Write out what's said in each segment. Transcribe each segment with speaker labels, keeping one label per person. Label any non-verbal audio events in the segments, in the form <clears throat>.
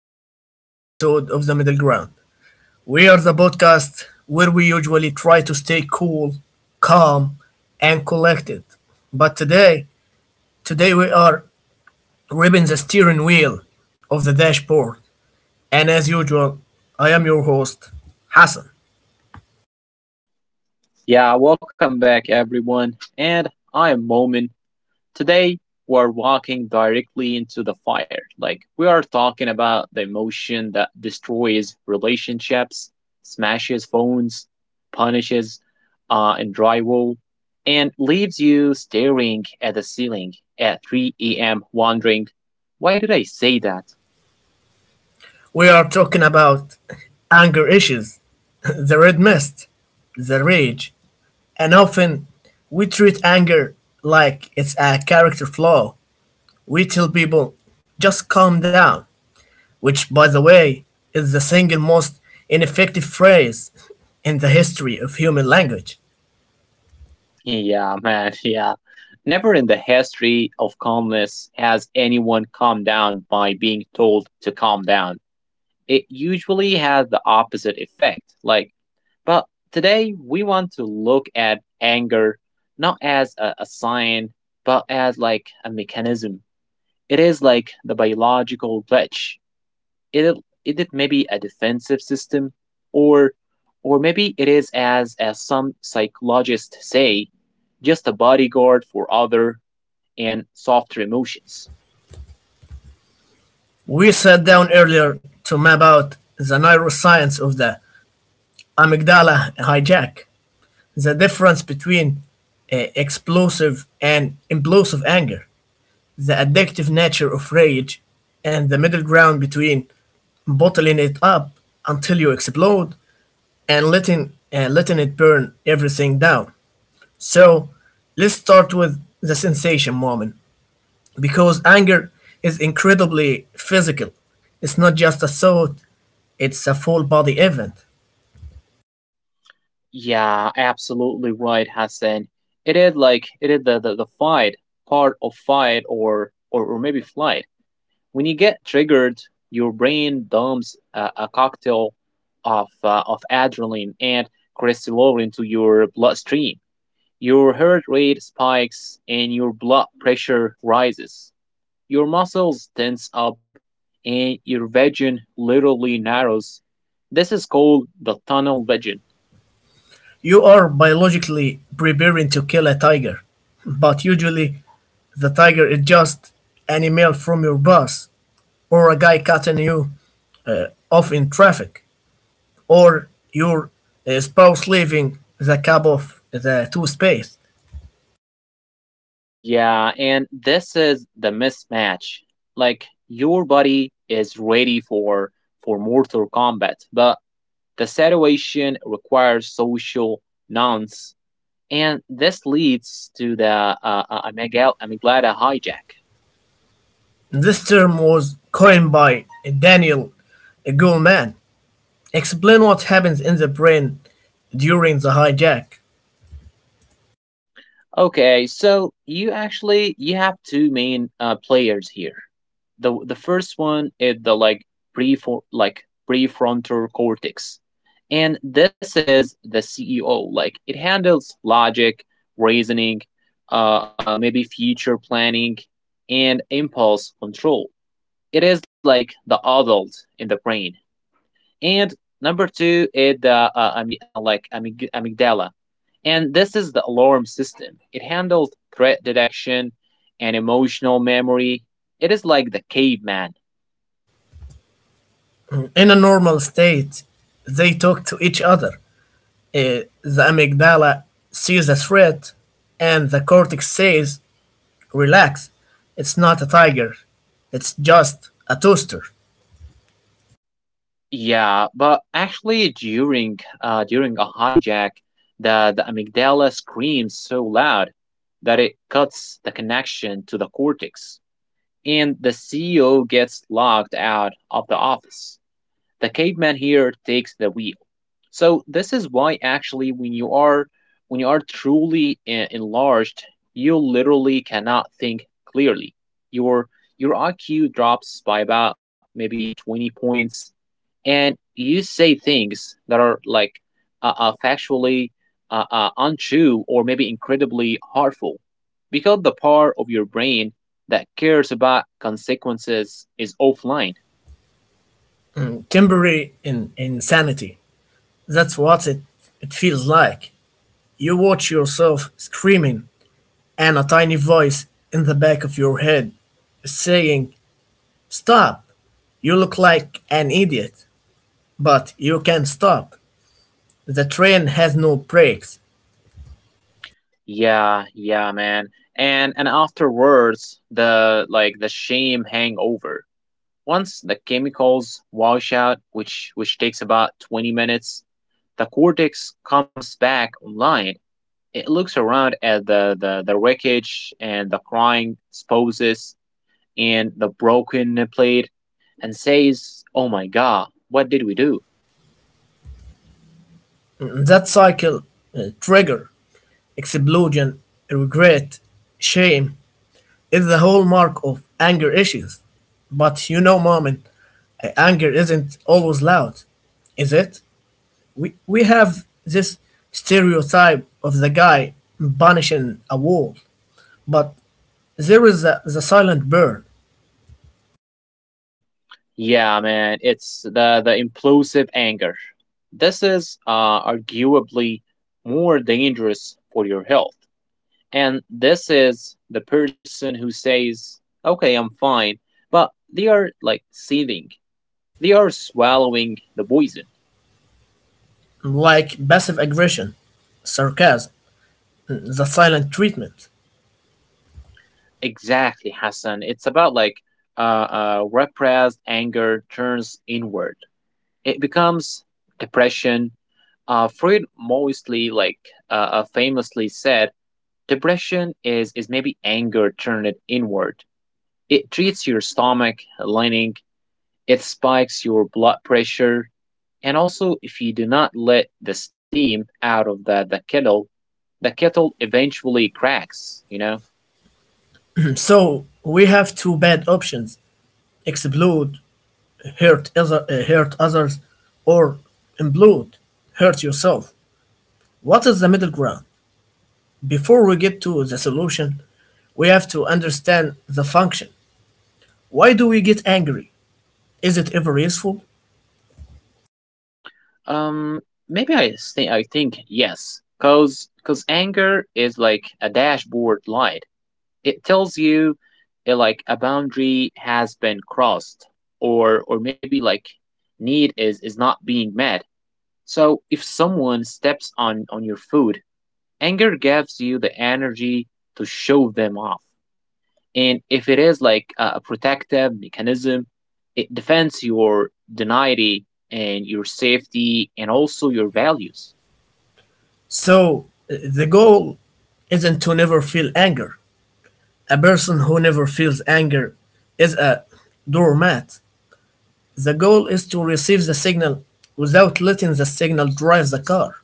Speaker 1: back to another episode of The Middle Ground. We are the podcast where we usually try to stay cool, calm, and collected. But today, today we are ripping the steering wheel of the dashboard. And as usual, I am your host, Hassan.
Speaker 2: Yeah, welcome back everyone. And I am Momin. Today we're walking directly into the fire. Like we are talking about the emotion that destroys relationships, smashes phones, punishes and drywall, and leaves you staring at the ceiling at 3 a.m. wondering, why did I say that?
Speaker 1: We are talking about anger issues, <laughs> the red mist, the rage, and often we treat anger like it's a character flaw. We tell people, just calm down, which, by the way, is the single most ineffective phrase in the history of human language.
Speaker 2: Yeah, <laughs> man. Yeah. Never in the history of calmness has anyone calmed down by being told to calm down. It usually has the opposite effect. Like, but today we want to look at anger not as a sign, but as like a mechanism. It is like the biological glitch it it may be a defensive system or or maybe it is as some psychologists say just a bodyguard for other and softer emotions.
Speaker 1: We sat down earlier to map out the neuroscience of the amygdala hijack, the difference between explosive and implosive anger, the addictive nature of rage, and the middle ground between bottling it up until you explode and letting it burn everything down. So, let's start with the sensation moment because anger is incredibly physical. It's not just a thought, it's a full body event.
Speaker 2: Yeah, absolutely right, Hassan. It is like it is the fight part of fight or maybe flight. When you get triggered your brain dumps a cocktail of adrenaline and crystalline to your bloodstream. Your heart rate spikes and your blood pressure rises. Your muscles tense up and your vision literally narrows. This is called the tunnel vision.
Speaker 1: You are biologically preparing to kill a tiger, but usually the tiger is just an email from your boss or a guy cutting you off in traffic, or your spouse leaving the cup of the toothpaste.
Speaker 2: Yeah, and this is the mismatch. Like your body is ready for mortal combat, but the situation requires social nuance, and this leads to the amygdala hijack.
Speaker 1: This term was coined by Daniel Goleman. Explain what happens in the brain during the hijack.
Speaker 2: Okay, so you actually you have two main players here. The first one is the pre like prefrontal cortex. And this is the CEO. Like it handles logic, reasoning, maybe future planning and impulse control. It is like the adult in the brain, and number two is the amygdala, and this is the alarm system. It handles threat detection and emotional memory. It is like the caveman.
Speaker 1: In a normal state, they talk to each other. The amygdala sees a threat, and the cortex says, relax, it's not a tiger, it's just a toaster.
Speaker 2: Yeah, but actually during during a hijack, the amygdala screams so loud that it cuts the connection to the cortex, and the CEO gets locked out of the office. The caveman here takes the wheel. So this is why actually when you are truly enlarged, you literally cannot think clearly. Your your IQ drops by about maybe 20 points, and you say things that are like factually untrue or maybe incredibly harmful, because the part of your brain that cares about consequences is offline.
Speaker 1: Temporary insanity. That's what it feels like. You watch yourself screaming and a tiny voice in the back of your head is saying, stop! You look like an idiot, but you can't stop. The train has no brakes.
Speaker 2: Yeah, yeah, man. And afterwards, the like the shame hangover. Once the chemicals wash out, which takes about 20 minutes, the cortex comes back online. It looks around at the the wreckage and the crying spouses and the broken plate and says, "Oh my god, what did we do?"
Speaker 1: That cycle, trigger, explosion, regret, shame is the hallmark of anger issues. But you know, Mom, anger isn't always loud, is it? We have this stereotype of the guy punishing a wall, but there is the silent burn,
Speaker 2: Yeah, man, it's the implosive anger. This is arguably more dangerous for your health. And this is the person who says, "Okay, I'm fine," but they are like seething. They are swallowing the poison.
Speaker 1: like passive aggression, sarcasm, the silent treatment.
Speaker 2: Exactly, Hassan. It's about like uh, repressed anger turns inward. It becomes depression. Freud mostly like famously said depression is maybe anger turned inward. It treats your stomach lining, it spikes your blood pressure, and also if you do not let the steam out of the kettle, the kettle eventually cracks, you know?
Speaker 1: <clears throat> So we have two bad options: explode, hurt others, or implode, hurt yourself. What is the middle ground? Before we get to the solution, we have to understand the function. Why do we get angry? Is it ever useful?
Speaker 2: Um Maybe I think yes. Cause cause anger is like a dashboard light. It tells you like a boundary has been crossed, or maybe like need is not being met. So if someone steps on your food, anger gives you the energy to show them off. And if it is like a protective mechanism, it defends your dignity and your safety and also your values.
Speaker 1: So the goal isn't to never feel anger. A person who never feels anger is a doormat. The goal is to receive the signal without letting the signal drive the car.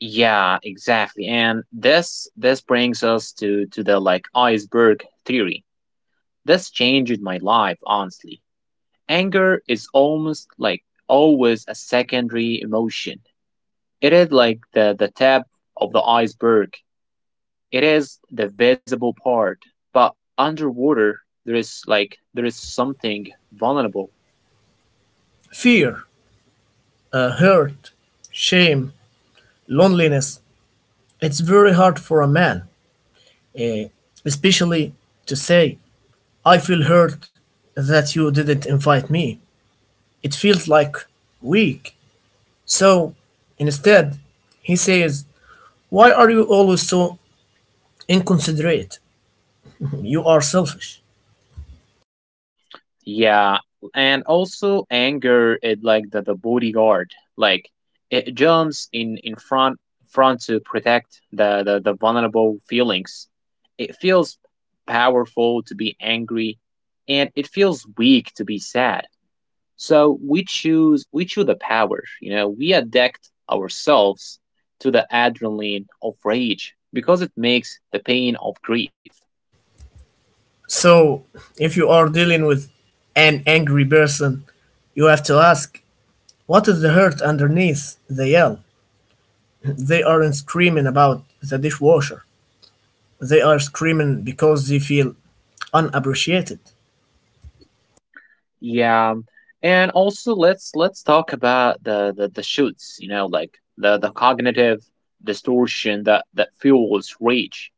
Speaker 2: Yeah, exactly. And this brings us to the like iceberg theory. This changed my life, honestly. Anger is almost like always a secondary emotion. It is like the tip of the iceberg. It is the visible part. But underwater, there is like, there is something vulnerable.
Speaker 1: Fear, hurt, shame, loneliness. It's very hard for a man, eh, especially to say, I feel hurt that you didn't invite me. It feels like weak. So instead, he says, why are you always so inconsiderate? You are selfish.
Speaker 2: Yeah. And also anger is like the bodyguard. Like it jumps in front front to protect the vulnerable feelings. It feels powerful to be angry, and it feels weak to be sad. So we choose the power, you know, we addict ourselves to the adrenaline of rage because it makes the pain of grief.
Speaker 1: So, if you are dealing with an angry person, you have to ask, what is the hurt underneath the yell? <laughs> They aren't screaming about the dishwasher. They are screaming because they feel unappreciated.
Speaker 2: Yeah. And also let's talk about the shoots, you know, like the cognitive distortion that fuels rage.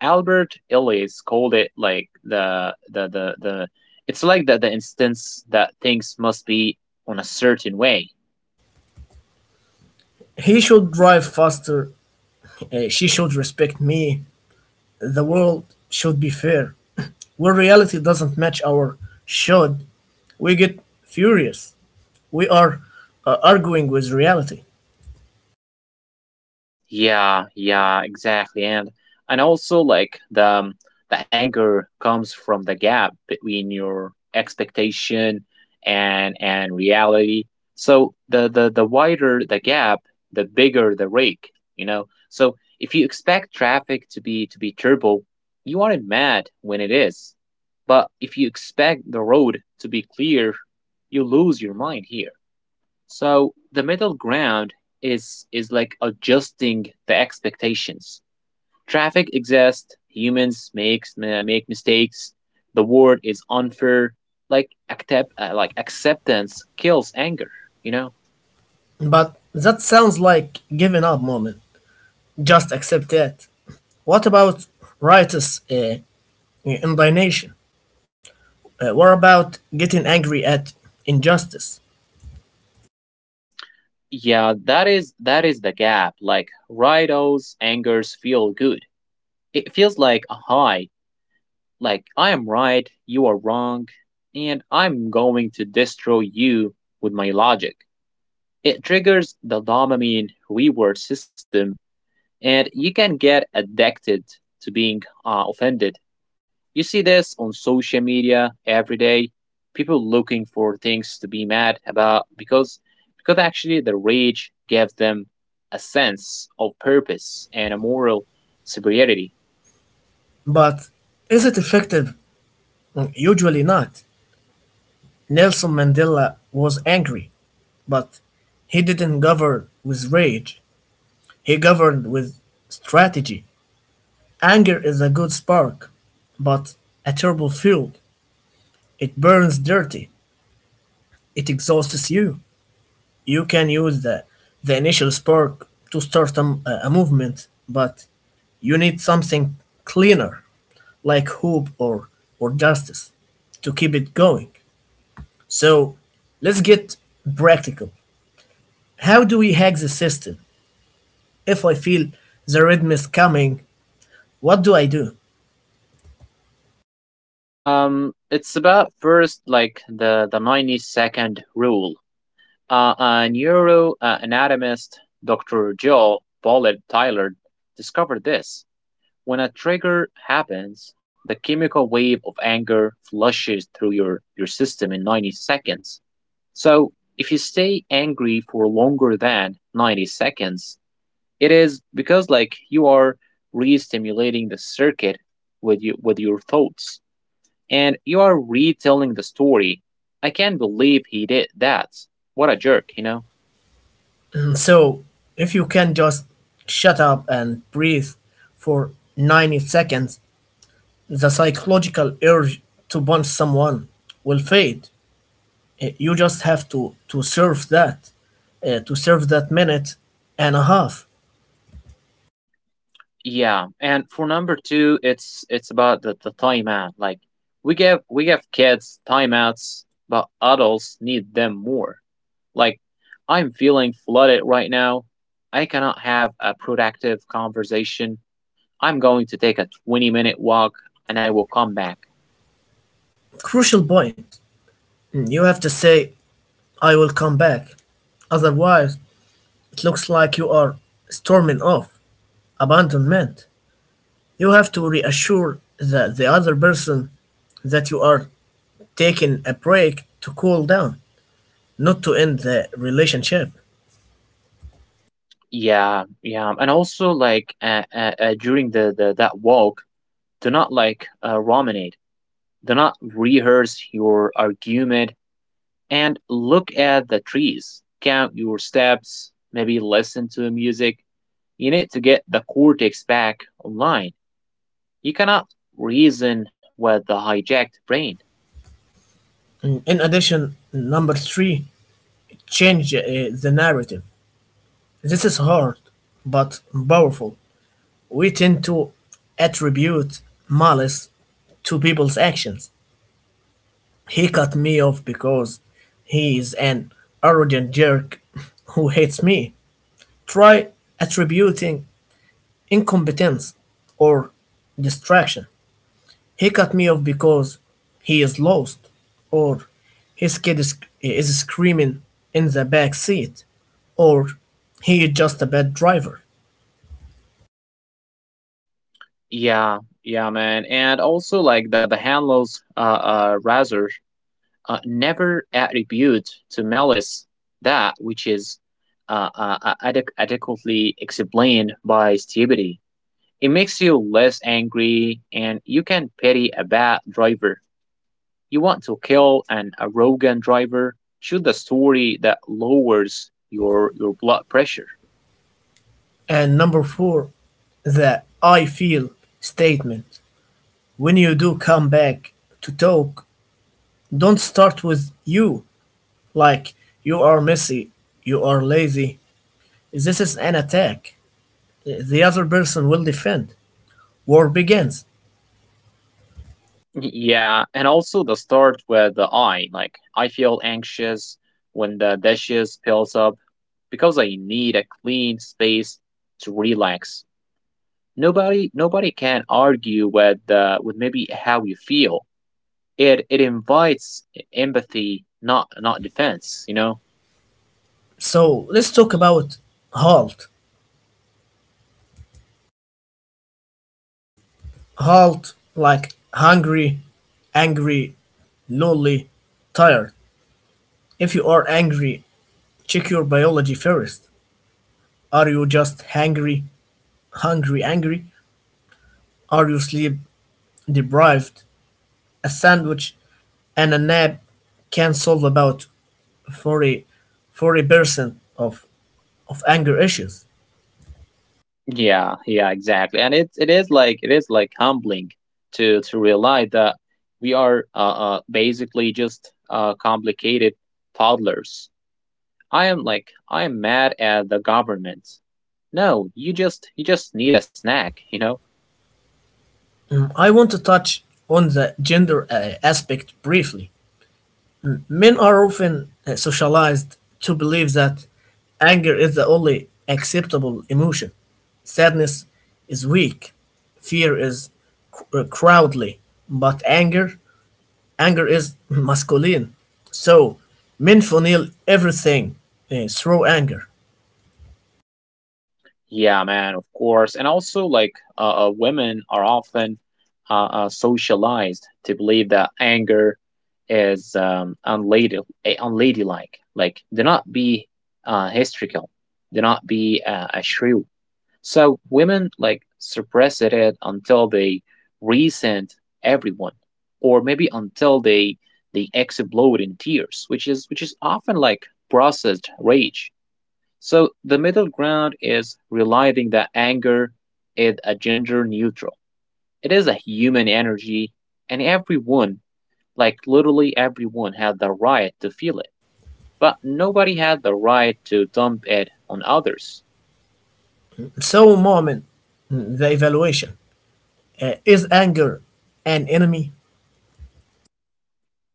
Speaker 2: Albert Ellis called it like the it's like the instance that things must be on a certain way.
Speaker 1: He should drive faster. She should respect me. The world should be fair. When reality doesn't match our should, we get furious. We are arguing with reality.
Speaker 2: Yeah, yeah, exactly. And also like the anger comes from the gap between your expectation and reality. So the wider the gap, the bigger the rake, you know. So if you expect traffic to be turbo, you aren't mad when it is. But if you expect the road to be clear, you lose your mind here. So the middle ground is like adjusting the expectations. Traffic exists, humans make mistakes. The world is unfair. Like accept like acceptance kills anger, you know?
Speaker 1: But that sounds like giving up moment. Just accept that. What about righteous indignation? What about getting angry at injustice?
Speaker 2: Yeah, that is the gap. Like Rido's angers feel good. It feels like a high. Like I am right, you are wrong, and I'm going to destroy you with my logic. It triggers the dopamine reward system, and you can get addicted to being offended. You see this on social media every day. People looking for things to be mad about because actually the rage gives them a sense of purpose and a moral superiority.
Speaker 1: But is it effective? Usually not. Nelson Mandela was angry, but he didn't govern with rage. He governed with strategy. Anger is a good spark, but a terrible fuel. It burns dirty. It exhausts you. You can use the initial spark to start a, a movement, but you need something cleaner, like hope or justice, to keep it going. So let's get practical. How do we hack the system? If I feel the rhythm is coming, what do I do?
Speaker 2: It's about first like the 90-second rule. A neuroanatomist, Dr. Joel Bollett Tyler, discovered this. When a trigger happens, the chemical wave of anger flushes through your system in 90 seconds. So, if you stay angry for longer than 90 seconds, it is because like you are re-stimulating the circuit with you with your thoughts, and you are retelling the story. I can't believe he did that. What a jerk, you know?
Speaker 1: <clears throat> So if you can just shut up and breathe for 90 seconds, the psychological urge to punch someone will fade. You just have to serve to serve that minute and a half.
Speaker 2: Yeah, and for number two, it's about the timeout. Like we give kids timeouts, but adults need them more. Like I'm feeling flooded right now. I cannot have a productive conversation. I'm going to take a 20-minute minute walk, and I will come back.
Speaker 1: Crucial point. You have to say, "I will come back." Otherwise, it looks like you are storming off, abandonment. You have to reassure the other person that you are taking a break to cool down, not to end the relationship.
Speaker 2: Yeah, yeah, and also like during the that walk, do not like ruminate. Do not rehearse your argument, and look at the trees. Count your steps, maybe listen to music. You need to get the cortex back online. You cannot reason with the hijacked brain.
Speaker 1: In addition, number three, change the narrative. This is hard but powerful. We tend to attribute malice to people's actions. He cut me off because he is an arrogant jerk <laughs> who hates me. Try attributing incompetence or distraction. He cut me off because he is lost or his is screaming in the back seat or he is just a bad driver.
Speaker 2: Yeah, yeah, man. And also, like the handlers, rather, never attribute to malice that which is adequately explained by stupidity. It makes you less angry, and you can pity a bad driver. You want to kill an arrogant driver, shoot a story that lowers your blood pressure.
Speaker 1: And number four, the I feel statement. When you do come back to talk, don't start with you, like, you are messy, you are lazy. This is an attack. The other person will defend. War begins.
Speaker 2: Yeah, and also the start with the I. Like I feel anxious when the dishes piles up because I need a clean space to relax. Nobody can argue with maybe how you feel. It invites empathy, not not defense, you know.
Speaker 1: So let's talk about halt. Halt, like hungry, angry, lonely, tired. If you are angry, check your biology first. Are you just hangry, hungry, angry? Are you sleep deprived? A sandwich and a nap can solve about 40 percent of of anger issues.
Speaker 2: Yeah, yeah, exactly. And it is like it is like humbling to realize that we are basically just complicated toddlers. I am like I am mad at the government. No, you just need a snack, you know?
Speaker 1: I want to touch on the gender aspect briefly. Men are often socialized to believe that anger is the only acceptable emotion. Sadness is weak. Fear is cowardly, but anger, anger is masculine. So men feel everything through anger.
Speaker 2: Yeah, man, of course. And also, like, women are often socialized to believe that anger is unladylike. Like, do not be hysterical, do not be a shrew. So women like suppress it until they resent everyone, or maybe until they explode in tears, which is often like processed rage. So the middle ground is realizing that anger is a gender neutral. It is a human energy, and everyone, like literally everyone, has the right to feel it. But nobody has the right to dump it on others.
Speaker 1: So, moment, the evaluation. Is anger an enemy?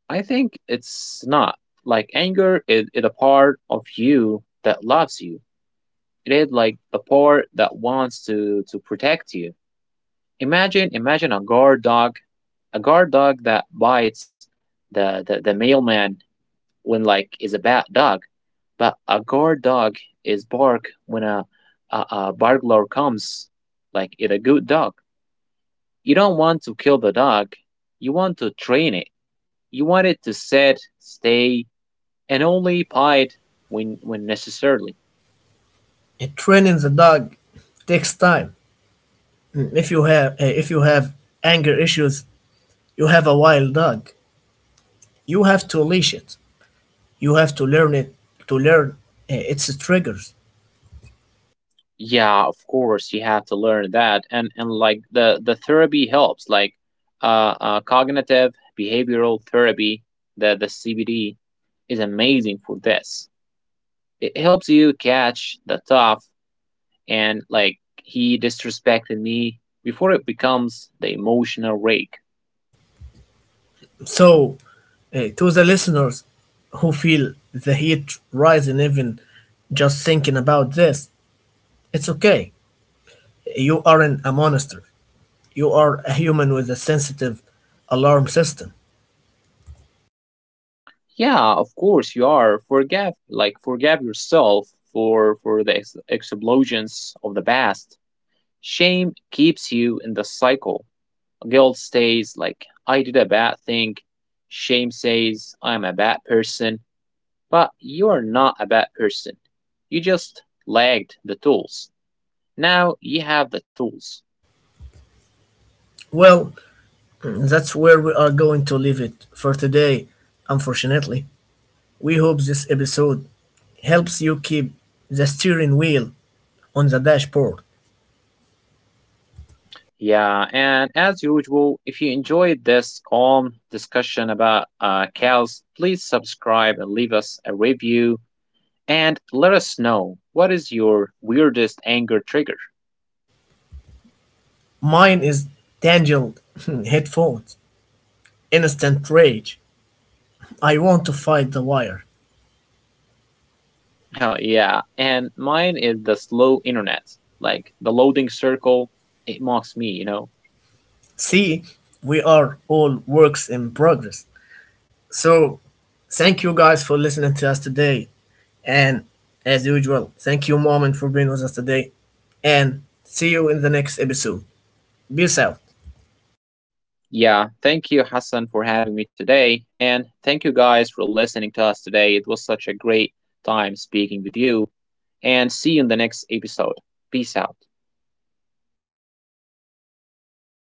Speaker 2: I think it's not. Like anger is a part of you that loves you. It is like a part that wants to protect you. Imagine a guard dog that bites the mailman when like is a bad dog, but a guard dog is bark when a burglar comes. Like it's a good dog. You don't want to kill the dog. You want to train it. You want it to sit, stay, and only bite when necessarily.
Speaker 1: Training the dog takes time. If you have anger issues, you have a wild dog. You have to leash it. You have to learn it to learn its triggers.
Speaker 2: Yeah, of course you have to learn that, and like the therapy helps, like cognitive behavioral therapy, the CBD is amazing for this. It helps you catch the thought and like he disrespected me before it becomes the emotional rake.
Speaker 1: So, to the listeners who feel the heat rising even just thinking about this, it's okay. You aren't a monster. You are a human with a sensitive alarm system.
Speaker 2: Yeah, of course you are. Forgive, like forgive yourself for the explosions of the past. Shame keeps you in the cycle. Guilt stays like I did a bad thing. Shame says I'm a bad person, but you're not a bad person. You just lagged the tools. Now you have the tools.
Speaker 1: Well, that's where we are going to leave it for today, unfortunately. We hope this episode helps you keep the steering wheel on the dashboard.
Speaker 2: Yeah, and as usual, if you enjoyed this calm discussion about cows, please subscribe and leave us a review, and let us know what is your weirdest anger trigger. <laughs>
Speaker 1: Mine is tangled <laughs> headphones, instant rage. I want to fight the wire.
Speaker 2: Oh, yeah, and mine is the slow internet. Like the loading circle, it mocks me, you know?
Speaker 1: See, we are all works in progress. So, thank you guys for listening to us today. And as usual, thank you, Mom, and for being with us today. And see you in the next episode. Peace out.
Speaker 2: Yeah, thank you, Hassan, for having me today. And thank you guys for listening to us today. It was such a great time speaking with you. And see you in the next episode. Peace out.